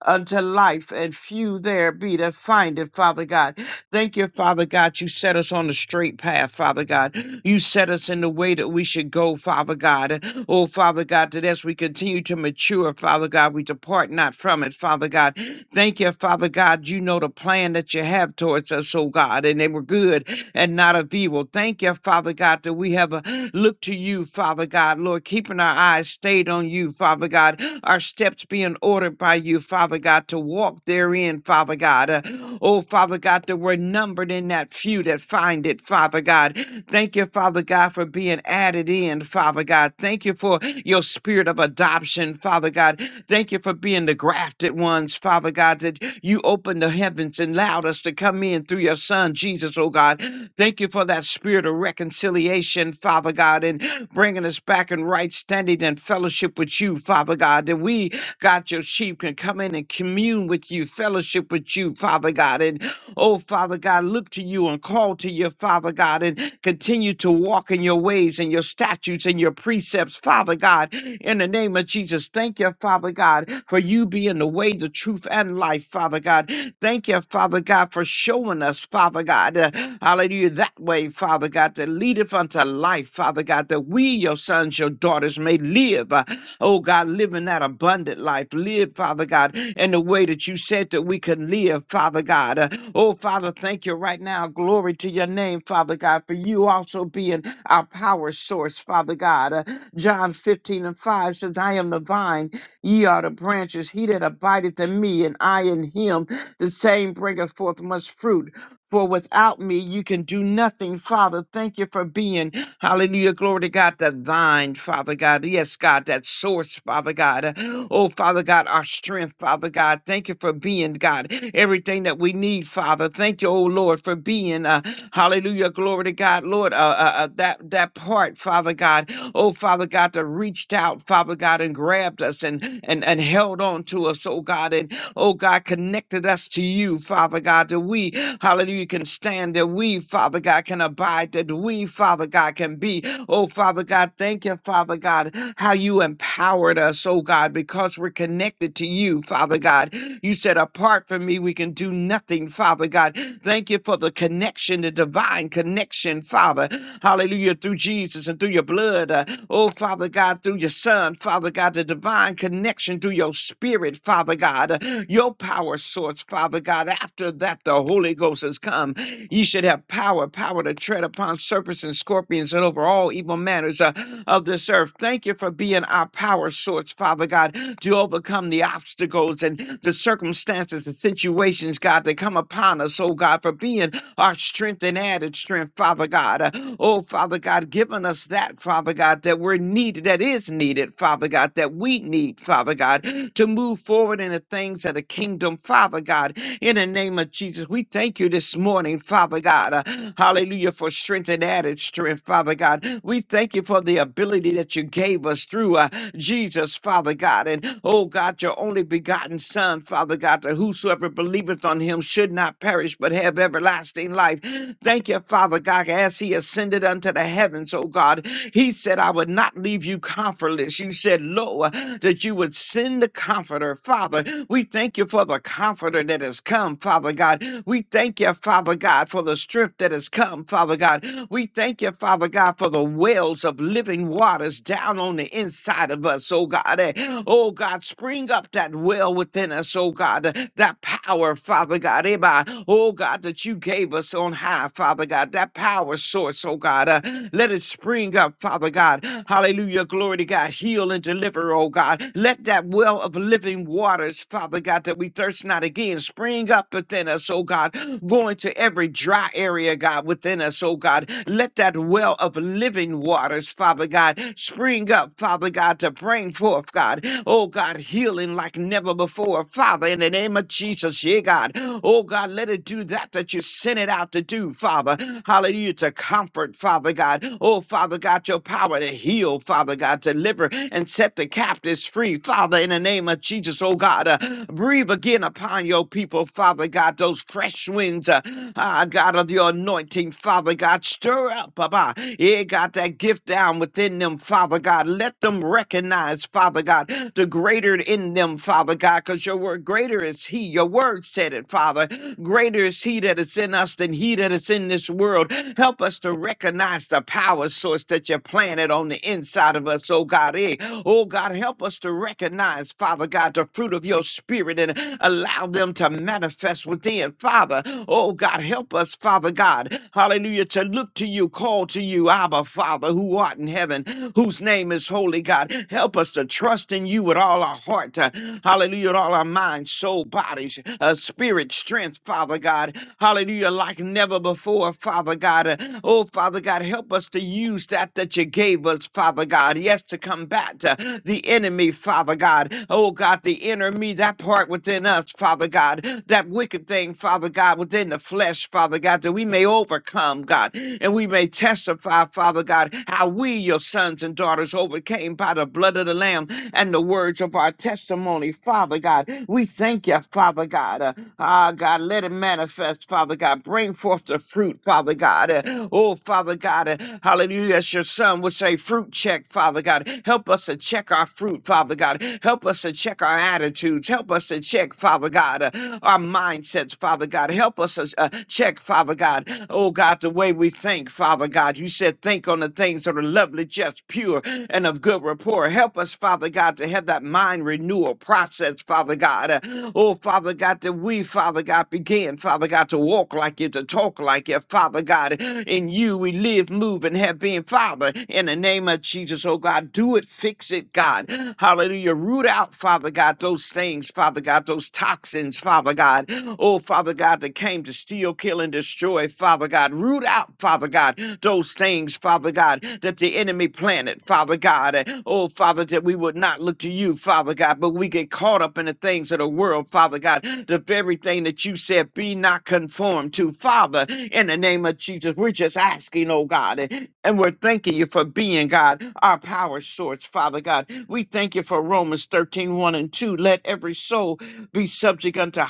C: unto life, and few there be that find it, Father God. Thank you, Father God. You set us on the straight path, Father God. You set us in the way that we should go, Father God. Oh, Father God, that as we continue to mature, Father God, we depart not from it, Father God. Thank you, Father God. You know the plan that you have towards us, oh God, and they were good and not of evil. Thank you, Father God, that we have a look to you, Father God, Lord, keeping our eyes stayed on you, Father God, our steps being ordered by you, Father God, to walk therein, Father God. Uh, oh, Father God, that we're numbered in that few that find it, Father God. Thank you, Father God, for being added in, Father God. Thank you for your spirit of adoption, Father God. Thank you for being the grafted ones, Father God, that you opened the heavens and allowed us to come in through your Son, Jesus, oh God. Thank you for that spirit of reconciliation, Father God, and bringing us back in right standing and fellowship with you, Father God, that we, God, your sheep can come in and commune with you, fellowship with you, Father God. And oh, Father God, look to you and call to you, Father God, and continue to walk in your ways and your statutes and your precepts, Father God. In the name of Jesus, thank you, Father God, for you being the way, the truth, and life, Father God. Thank you, Father God, for showing us, Father God, uh, hallelujah, that way, Father God, that leadeth unto life, Father God, that we, your sons, your daughters, may live, uh, oh God, living that abundant life. Live, Father God, in the way that you said that we could live, Father God. Uh, oh, Father, thank you right now. Glory to your name, Father God, for you also being our power source, Father God. Uh, John 15 and 5 says, I am the vine, ye are the branches. He that abideth in me, and I in him the same bringeth forth much fruit. For without me, you can do nothing, Father. Thank you for being, hallelujah, glory to God, that vine, Father God. Yes, God, that source, Father God. Oh, Father God, our strength, Father God. Thank you for being, God, everything that we need, Father. Thank you, oh Lord, for being, uh, hallelujah, glory to God, Lord, uh, uh, uh, that, that part, Father God. Oh, Father God, that reached out, Father God, and grabbed us and, and, and held on to us, oh God, and oh God, connected us to you, Father God, that we, hallelujah, can stand, that we, Father God, can abide, that we, Father God, can be. Oh, Father God, thank you, Father God, how you empowered us, oh God, because we're connected to you, Father God. You said, apart from me, we can do nothing nothing, Father God. Thank you for the connection, the divine connection, Father. Hallelujah, through Jesus and through your blood. uh, oh, Father God, through your Son, Father God, the divine connection through your spirit, Father God, uh, your power source, Father God. After that, the Holy Ghost has come. You should have power, power to tread upon serpents and scorpions and over all evil manners uh, of this earth. Thank you for being our power source, Father God, to overcome the obstacles and the circumstances, the situations, God, that come upon us, oh God, for being our strength and added strength, Father God. Uh, Oh, Father God, giving us that, Father God, that we're needed, that is needed, Father God, that we need, Father God, to move forward in the things of the kingdom, Father God. In the name of Jesus, we thank you this morning, Father God. Uh, hallelujah, for strength and added strength, Father God. We thank you for the ability that you gave us through uh, Jesus, Father God. And oh God, your only begotten Son, Father God, that whosoever believeth on him should not perish but have everlasting everlasting life. Thank you, Father God, as he ascended unto the heavens, oh God. He said, I would not leave you comfortless. You said, Lo, that you would send the comforter, Father. We thank you for the comforter that has come, Father God. We thank you, Father God, for the strength that has come, Father God. We thank you, Father God, for the wells of living waters down on the inside of us, oh God. Eh, Oh God, spring up that well within us, oh God, eh, that power, Father God. eh, by- Oh God, that you you gave us on high, Father God, that power source, oh God. Uh, let it spring up, Father God. Hallelujah. Glory to God. Heal and deliver, oh God. Let that well of living waters, Father God, that we thirst not again, spring up within us, oh God. Going to every dry area, God, within us, oh God. Let that well of living waters, Father God, spring up, Father God, to bring forth, God. Oh God, healing like never before, Father, in the name of Jesus, yeah, God. Oh God, let it do that that you what you sent it out to do, Father. Hallelujah, to comfort, Father God. Oh, Father God, your power to heal, Father God, to deliver and set the captives free, Father, in the name of Jesus, oh God. Uh, breathe again upon your people, Father God, those fresh winds, uh, ah, God, of your anointing, Father God. Stir up, Baba. Yeah, God, that gift down within them, Father God. Let them recognize, Father God, the greater in them, Father God, because your word greater is He. Your word said it, Father. Greater is He that is in us than he that is in this world. Help us to recognize the power source that you planted on the inside of us, oh God. Eh, Oh God, help us to recognize, Father God, the fruit of your spirit and allow them to manifest within, Father. Oh God, help us, Father God. Hallelujah, to look to you, call to you, Abba, Father, who art in heaven, whose name is holy, God. Help us to trust in you with all our heart, to, hallelujah, with all our mind, soul, bodies, uh, spirit, strength, Father God. Hallelujah, like never before, Father God. Uh, Oh, Father God, help us to use that that you gave us, Father God. Yes, to combat uh, the enemy, Father God. Oh, God, the enemy, that part within us, Father God. That wicked thing, Father God, within the flesh, Father God, that we may overcome, God. And we may testify, Father God, how we, your sons and daughters, overcame by the blood of the Lamb and the words of of our testimony, Father God. We thank you, Father God. Uh, Ah, God, let it manifest, Father God. Bring forth the fruit, Father God. Uh, Oh, Father God, uh, hallelujah. As your son would say, fruit check, Father God. Help us to check our fruit, Father God. Help us to check our attitudes. Help us to check, Father God, uh, our mindsets, Father God. Help us to uh, check, Father God. Oh, God, the way we think, Father God. You said, shall think on the things that are lovely, just, pure, and of good rapport. Help us, Father God, to have that mind renewal process, Father God. Uh, Oh, Father God, that we, Father God, begin, Father God, to walk like you, to talk like you, Father God. In you we live, move, and have been, Father. In the name of Jesus, oh God, do it, fix it, God. Hallelujah. Root out, Father God, those things, Father God, those toxins, Father God. Oh, Father God, that came to steal, kill, and destroy, Father God. Root out, Father God, those things, Father God, that the enemy planted, Father God. Uh, Oh, Father, that we would not look to you, Father God, but we get caught up in the things of the world, Father God. The very thing that you said, be not conformed to, Father, in the name of Jesus. We're just asking, oh God, uh, and we're thanking you for being, God, our power source, Father God. We thank you for Romans thirteen one and 2. Let every soul be subject unto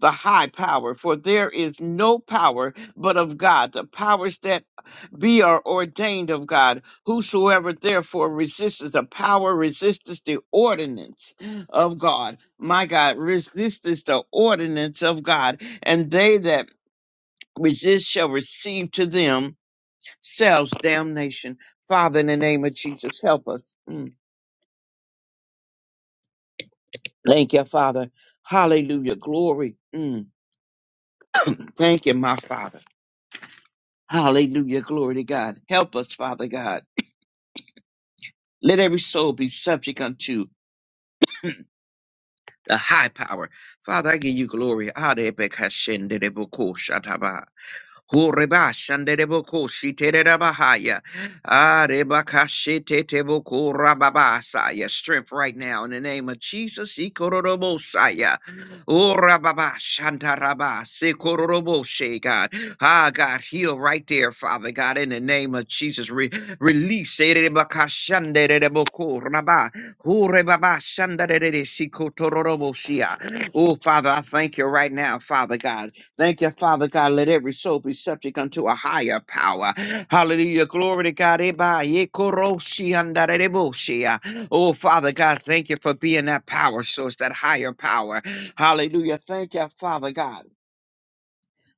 C: the high power, for there is no power but of God. The powers that be are ordained of God. Whosoever therefore resisteth the power resisteth the ordinance of God. My God, resisteth the ordinance of God, and they that resist shall receive to themselves damnation. Father, in the name of Jesus, help us. Mm. Thank you, Father. Hallelujah. Glory. Mm. Thank you, my Father. Hallelujah. Glory to God. Help us, Father God. Let every soul be subject unto the high power. Father, I give you glory. Hallelujah. Kureba shandereboko shitererabahaya. Ah, rebaka sheteteboko rababasaya. Strength right now in the name of Jesus. Ikororobosaya. Oh, rababa shandaraba sekororoboshe, God. Ah, God, heal right there, Father God, in the name of Jesus. Re- release. erebaka shandereboko raba. Oh, rebaba shandarere sikotororoboshia. Oh, Father, I thank you right now, Father God. Thank you, Father God. Let every soul be subject unto a higher power. Hallelujah. Glory to God. Eba, ye koro shi Oh, Father God, thank you for being that power source, that higher power. Hallelujah. Thank you, Father God.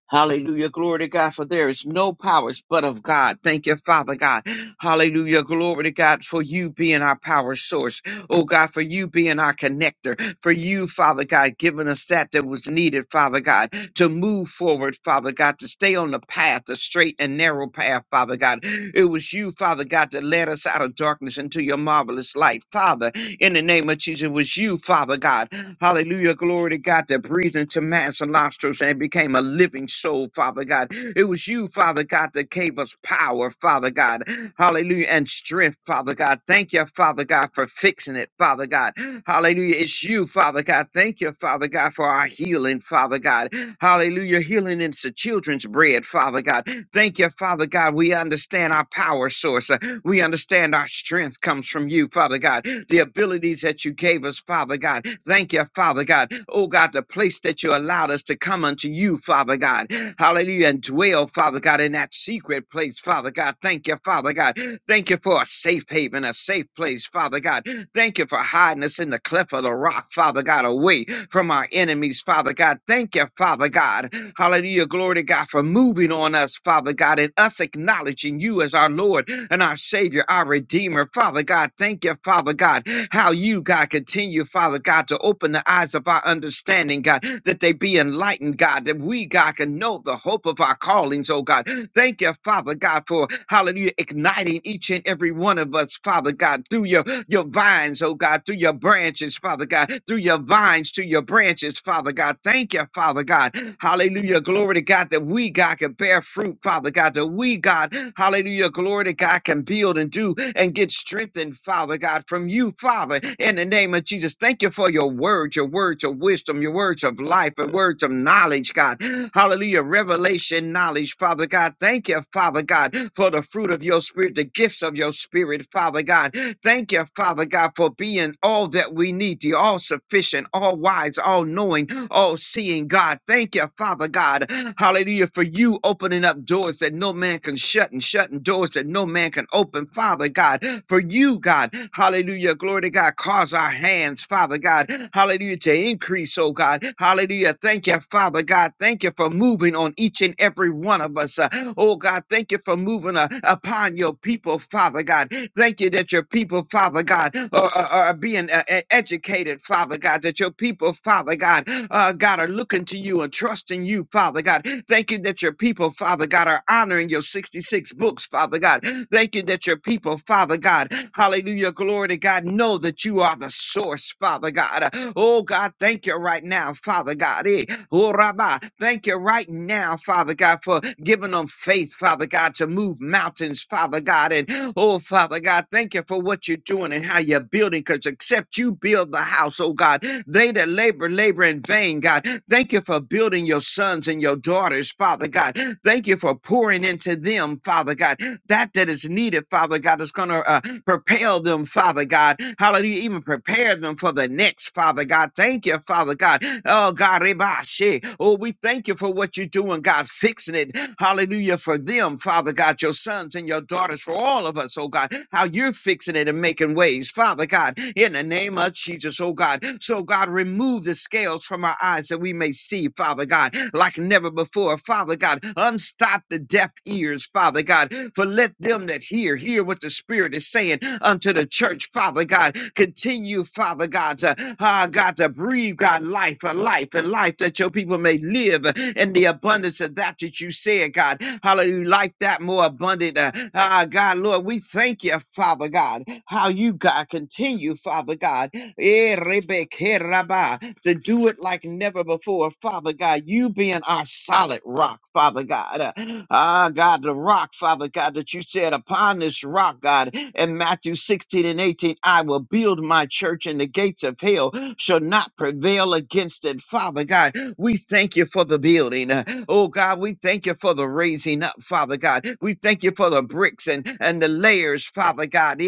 C: Hallelujah. Glory to God. For there is no powers but of God. Thank you, Father God. Hallelujah. Glory to God for you being our power source. Oh God, for you being our connector. For you, Father God, giving us that that was needed, Father God, to move forward, Father God, to stay on the path, the straight and narrow path, Father God. It was you, Father God, that led us out of darkness into your marvelous light. Father, in the name of Jesus, it was you, Father God. Hallelujah. Glory to God that breathed into man's nostrils and became a living soul, Father God. It was you, Father God, that gave us power, Father God. Hallelujah. And strength, Father God. Thank you, Father God, for fixing it, Father God. Hallelujah. It's you, Father God. Thank you, Father God, for our healing, Father God. Hallelujah. Healing is the children's bread, Father God. Thank you, Father God. We understand our power source. We understand our strength comes from you, Father God. The abilities that you gave us, Father God. Thank you, Father God. Oh God, the place that you allowed us to come unto you, Father God. Hallelujah. And dwell, Father God, in that secret place, Father God. Thank you, Father God. Thank you for a safe haven, a safe place, Father God. Thank you for hiding us in the cleft of the rock, Father God, away from our enemies, Father God. Thank you, Father God. Hallelujah. Glory to God for moving on us, Father God, and us acknowledging you as our Lord and our Savior, our Redeemer. Father God, thank you, Father God, how you, God, continue, Father God, to open the eyes of our understanding, God, that they be enlightened, God, that we, God, can know the hope of our callings, oh God. Thank you, Father God, for hallelujah, igniting each and every one of us, Father God, through your your vines, oh God, through your branches, Father God, through your vines to your branches, Father God. Thank you, Father God. Hallelujah. Glory to God that we, God, can bear fruit, Father God, that we, God, hallelujah. Glory to God can build and do and get strengthened, Father God, from you, Father, in the name of Jesus. Thank you for your words, your words of wisdom, your words of life, your words of knowledge, God. Hallelujah. Revelation knowledge, Father God. Thank you, Father God, for the fruit of your spirit, the gifts of your spirit, Father God. Thank you, Father God, for being all that we need. You all sufficient, all wise, all knowing, all seeing God. Thank you, Father God. Hallelujah. For you opening up doors that no man can shut and shutting doors that no man can open. Father God, for you, God. Hallelujah. Glory to God. Cause our hands, Father God. Hallelujah. To increase, oh God. Hallelujah. Thank you, Father God. Thank you for moving on each and every every one of us. uh, Oh God, thank you for moving uh, upon your people, Father God. Thank you that your people, Father God, are, are, are being uh, e- educated, Father God, that your people, Father God, uh, God, are looking to you and trusting you, Father God. Thank you that your people, Father God, are honoring your 66 books, Father God. Thank you that your people, Father God, hallelujah, glory to God, know that you are the source, Father. Father God. Oh God, thank you right now, Father God. Eh, oh, Rabbi, Thank you right now, Father God, for giving them faith, Father God, to move mountains, Father God. And oh, Father God, thank you for what you're doing and how you're building, because except you build the house, oh God, they that labor, labor in vain, God. Thank you for building your sons and your daughters, Father God. Thank you for pouring into them, Father God. That that is needed, Father God, is going to uh, Propel them, Father God. Hallelujah. Even prepare them for the next, Father God. Thank you, Father God. Oh, God. Rebashi. Oh, we thank you for what you're doing, God. Fixing it. Hallelujah. For them, Father God, your sons and your daughters, for all of us, oh God. How you're fixing it and making ways, Father God. In the name of Jesus, oh God. So, God, remove the scales from our eyes that we may see, Father God, like never before door, Father God. Unstop the deaf ears, Father God. For let them that hear hear what the Spirit is saying unto the church, Father God. Continue, Father God, to ah, God to breathe, God, life, a life, a life that your people may live uh, in the abundance of that that you said, God. Hallelujah. Like that more abundant. Uh, ah, God, Lord, we thank you, Father God, how you, God, continue, Father God. Eh, Rebecca, raba, to do it like never before. Father God, you being our solid rock, Father God. Uh, Ah, God, the rock, Father God, that you said upon this rock, God, in Matthew 16 and 18, I will build my church, and the gates of hell shall not prevail against it. Father God, we thank you for the building. Uh, Oh God, we thank you for the raising up, Father God. We thank you for the bricks and, and the layers, Father God.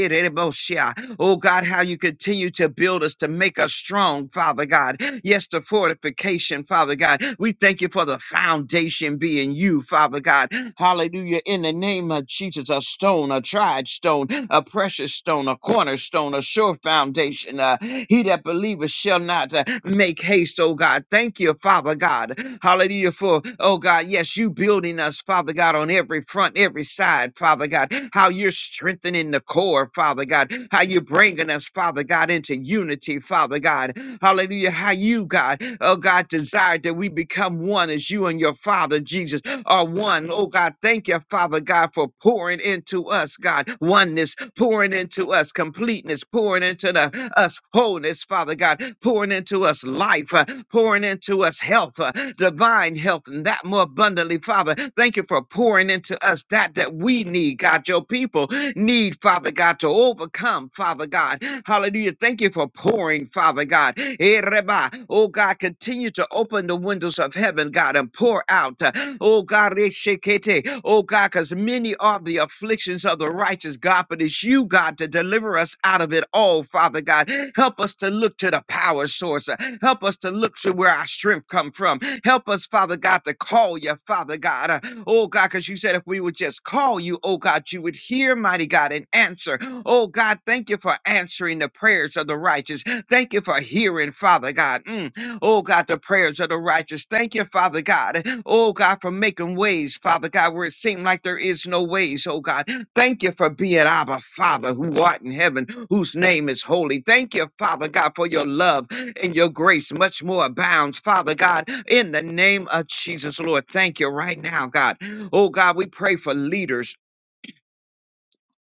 C: Oh God, how you continue to build us to make us strong, Father God. Yes, the fortification, Father God. We thank you for the foundation being you, Father God. Hallelujah. In the name of Jesus, a stone, a tried stone, a precious stone, a cornerstone, a sure foundation. Uh, he that believeth shall not uh, make haste, oh God. Thank you, Father God. Hallelujah. For, oh God, yes, you building us, Father God, on every front, every side, Father God. How you're strengthening the core, Father God. How you're bringing us, Father God, into unity, Father God. Hallelujah. How you, God, oh God, desire that we become one as you and your Father, Jesus, are one. Oh God, thank you, Father God, for pouring into us, God, oneness, pouring into us, completeness, pouring into the, us wholeness, Father God, pouring into us life, uh, pouring into us health, uh, divine health, and that more abundantly, Father. Thank you for pouring into us that that that we need, God, your people need, Father God, to overcome, Father God. Hallelujah. Thank you for pouring, Father God. Eh, Reba. Oh, God, continue to open the windows of heaven, God, and pour out. uh, Oh, God, Reshekete. oh, God, because many are the afflictions of the righteous, God, but it's you, God, to deliver us out of it all, Father God. Help us to look to the power source. uh, Help us to look to where our strength come from. Help us, Father God, to call you, Father God. Uh, Oh God, because you said if we would just call you, oh God, you would hear, mighty God, and answer. Oh God, thank you for answering the prayers of the righteous. Thank you for hearing, Father God. Mm. Oh God, the prayers of the righteous. Thank you, Father God. Oh God, for making ways, Father God, where it seemed like there is no ways. Oh God, thank you for being Abba, Father, who art in heaven, whose name is holy. Thank you, Father God, for your love and your grace, much more abounds, Father God, in the name of Jesus, Lord. Thank you right now, God. Oh God, we pray for leaders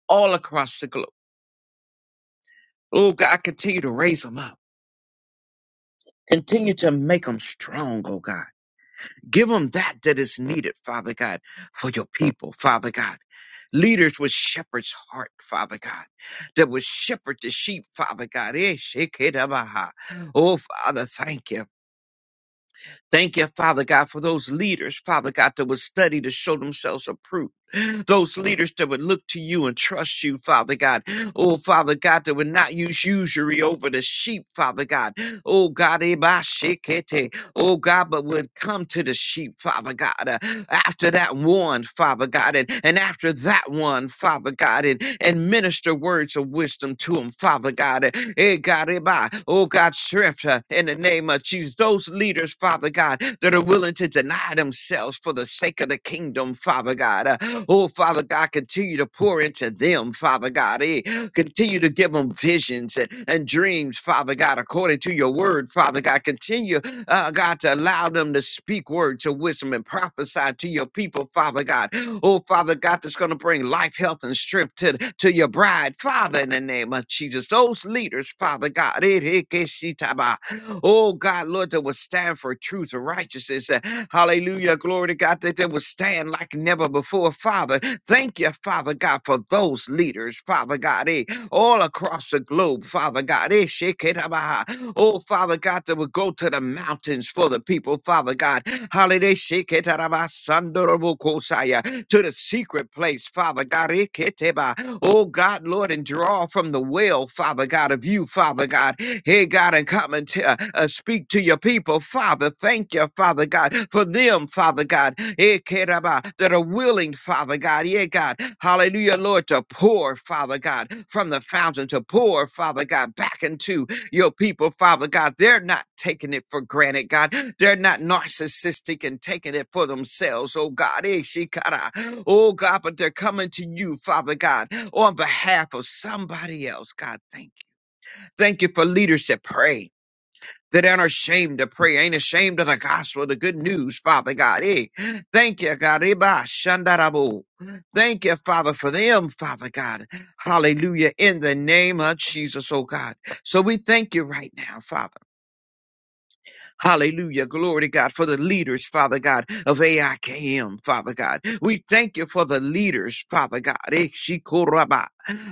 C: all across the globe. Oh God, continue to raise them up. Continue to make them strong, oh God. Give them that that is needed, Father God, for your people, Father God. Leaders with shepherd's heart, Father God, that will shepherd the sheep, Father God. Eh, shekinah. Oh, Father, thank you. Thank you, Father God, for those leaders, Father God, that would study to show themselves approved. Those leaders that would look to you and trust you, Father God. Oh, Father God, that would not use usury over the sheep, Father God. Oh, God, eh, bah, shekete. oh, God, but would come to the sheep, Father God after that one, Father God, and, and after that one, Father God, and, and minister words of wisdom to him, Father God. eh, eh, God, eh, bah, Oh God, strength her in the name of Jesus. Those leaders, Father God, that are willing to deny themselves for the sake of the kingdom, Father God. eh, Oh Father God, continue to pour into them, Father God. eh, Continue to give them visions and, and dreams, Father God, according to your word, Father God. Continue uh, God, to allow them to speak words of wisdom and prophesy to your people, Father God. Oh, Father God, that's going to bring life, health, and strength to, to your bride, Father, in the name of Jesus. Those leaders, Father God, eh, eh, eh, oh God, Lord, that will stand for truth and righteousness. Uh, Hallelujah, glory to God, that they will stand like never before, Father. Thank you, Father God, for those leaders, Father God. Eh, all across the globe, Father God. Ishikitabaha. Oh, Father God, that would go to the mountains for the people, Father God. Holiday Shikitarabasandarabukosaya. to the secret place, Father God. Ikiteba. Oh, God, Lord, and draw from the well, Father God, of you, Father God. Hey, God, and come and t- uh, uh, speak to your people, Father. Thank you, Father God, for them, Father God. Ikitaba, That are willing, Father God. Yeah, God. Hallelujah, Lord, to pour, Father God, from the fountain to pour, Father God, back into your people, Father God. They're not taking it for granted, God. They're not narcissistic and taking it for themselves, oh God. Eh, shikara. Oh God, but they're coming to you, Father God, on behalf of somebody else, God. Thank you. Thank you for leadership. Pray that ain't ashamed to pray, ain't ashamed of the gospel, the good news, Father God. Hey, thank you, God. Eba shandarabo. Thank you, Father, for them, Father God. Hallelujah. In the name of Jesus, oh God. So we thank you right now, Father. Hallelujah. Glory to God for the leaders, Father God, of AIKM, Father God. We thank you for the leaders, Father God. Ekshikoraba.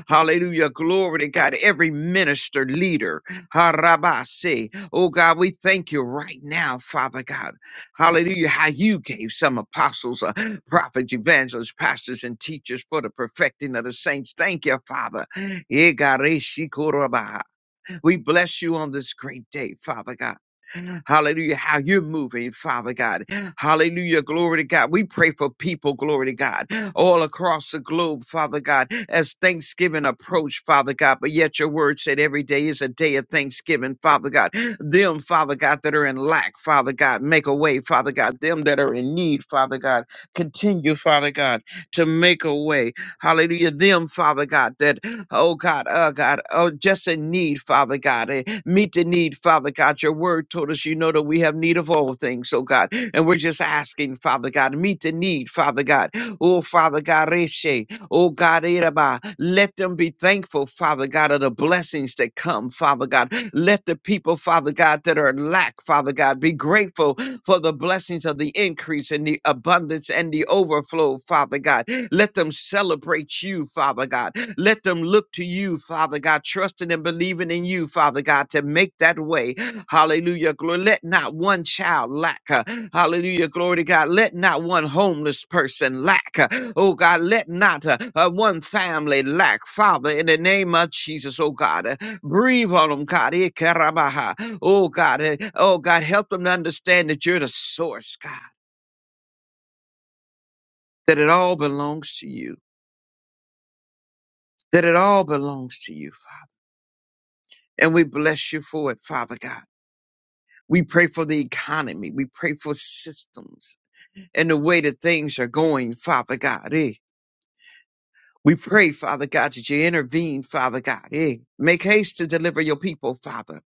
C: Hallelujah. Glory to God. Every minister, leader. Harabase. Oh God, we thank you right now, Father God. Hallelujah. How you gave some apostles, uh, prophets, evangelists, pastors, and teachers for the perfecting of the saints. Thank you, Father. Egareshikoraba. We bless you on this great day, Father God. Hallelujah. How you're moving, Father God. Hallelujah. Glory to God. We pray for people, glory to God, all across the globe, Father God, as Thanksgiving approach, Father God. But yet your word said every day is a day of Thanksgiving, Father God. Them, Father God, that are in lack, Father God, make a way, Father God. Them that are in need, Father God, continue, Father God, to make a way. Hallelujah. Them, Father God, that Oh God, oh God, oh just in need, Father God. eh, Meet the need, Father God. Your word told us you know that we have need of all things, oh God. And we're just asking, Father God, meet the need, Father God. Oh Father God, reshe, oh God, eraba. let them be thankful, Father God, of the blessings that come, Father God. Let the people, Father God, that are in lack, Father God, be grateful for the blessings of the increase and the abundance and the overflow, Father God. Let them celebrate you, Father God. Let them look to you, Father God, trusting and believing in you, Father God, to make that way. Hallelujah. Glory. Let not one child lack. uh, Hallelujah. Glory to God. Let not one homeless person lack. uh, Oh God, let not uh, uh, one family lack. Father, in the name of Jesus, oh God, uh, breathe on them, God. Eh, karabaha. Oh God, eh, oh God, help them to understand that you're the source, God, that it all belongs to you, that it all belongs to you, Father. And we bless you for it, Father God. We pray for the economy. We pray for systems and the way that things are going, Father God. Eh? We pray, Father God, that you intervene, Father God. Eh? Make haste to deliver your people, Father.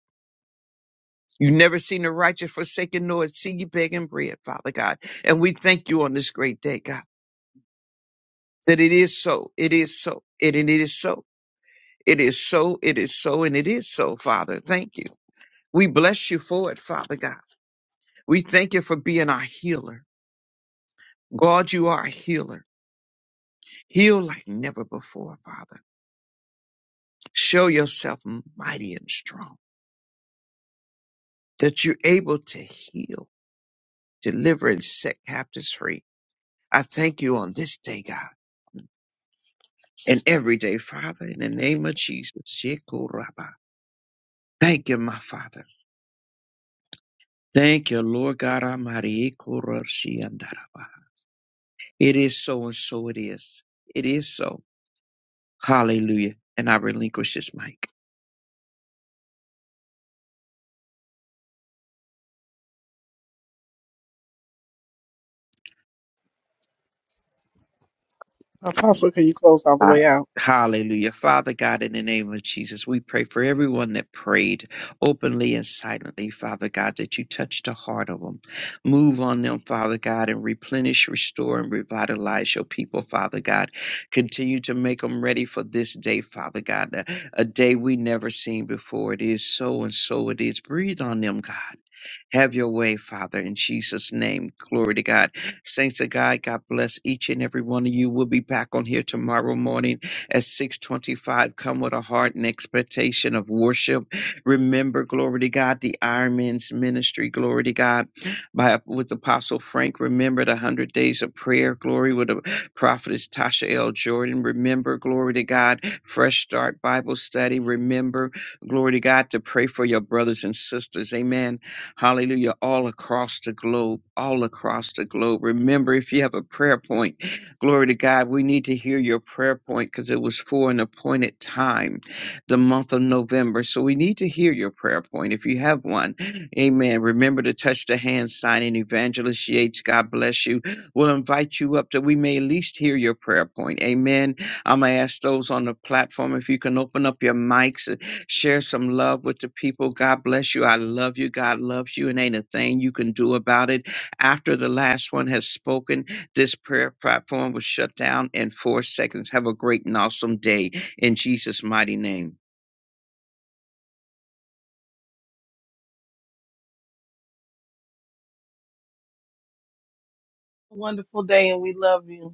C: You never seen the righteous forsaken, nor see you begging bread, Father God. And we thank you on this great day, God, that it is so, it is so, it, and it is so, it is so, it is so, and it is so, Father. Thank you. We bless you for it, Father God. We thank you for being our healer. God, you are a healer. Heal like never before, Father. Show yourself mighty and strong, that you're able to heal, deliver, and set captives free. I thank you on this day, God, and every day, Father, in the name of Jesus. Shekoraba. Thank you, my Father. Thank you, Lord God Almighty. Ekoroshiandaraba. It is so and so it is. It is so. Hallelujah. And I relinquish this mic. Uh, Hallelujah. Father God, in the name of Jesus, we pray for everyone that prayed openly and silently, Father God, that you touch the heart of them. Move on them, Father God, and replenish, restore, and revitalize your people, Father God. Continue to make them ready for this day, Father God, a, a day we never seen before. It is so and so it is. Breathe on them, God. Have your way, Father, in Jesus' name. Glory to God. Saints of God, God bless each and every one of you. We'll be back on here tomorrow morning at 625. Come with a heart and expectation of worship. Remember, glory to God, the Iron Man's ministry, glory to God, by with Apostle Frank. Remember the 100 days of prayer, glory with the prophetess Tasha L. Jordan. Remember, glory to God, Fresh Start Bible Study. Remember, glory to God, to pray for your brothers and sisters. Amen Hallelujah. All across the globe, all across the globe. Remember, if you have a prayer point, glory to God, we need to hear your prayer point because it was for an appointed time, the month of November. So we need to hear your prayer point if you have one. Amen. Remember to touch the hand sign and evangelist Yates. God bless you. We'll invite you up that we may at least hear your prayer point. Amen. I'm going to ask those on the platform if you can open up your mics Share some love with the people. God bless you. I love you. God loves you, and ain't a thing you can do about it. After the last one has spoken, this prayer platform was shut down in four seconds. Have a great and awesome day in Jesus' mighty name.
B: Wonderful day and we love you.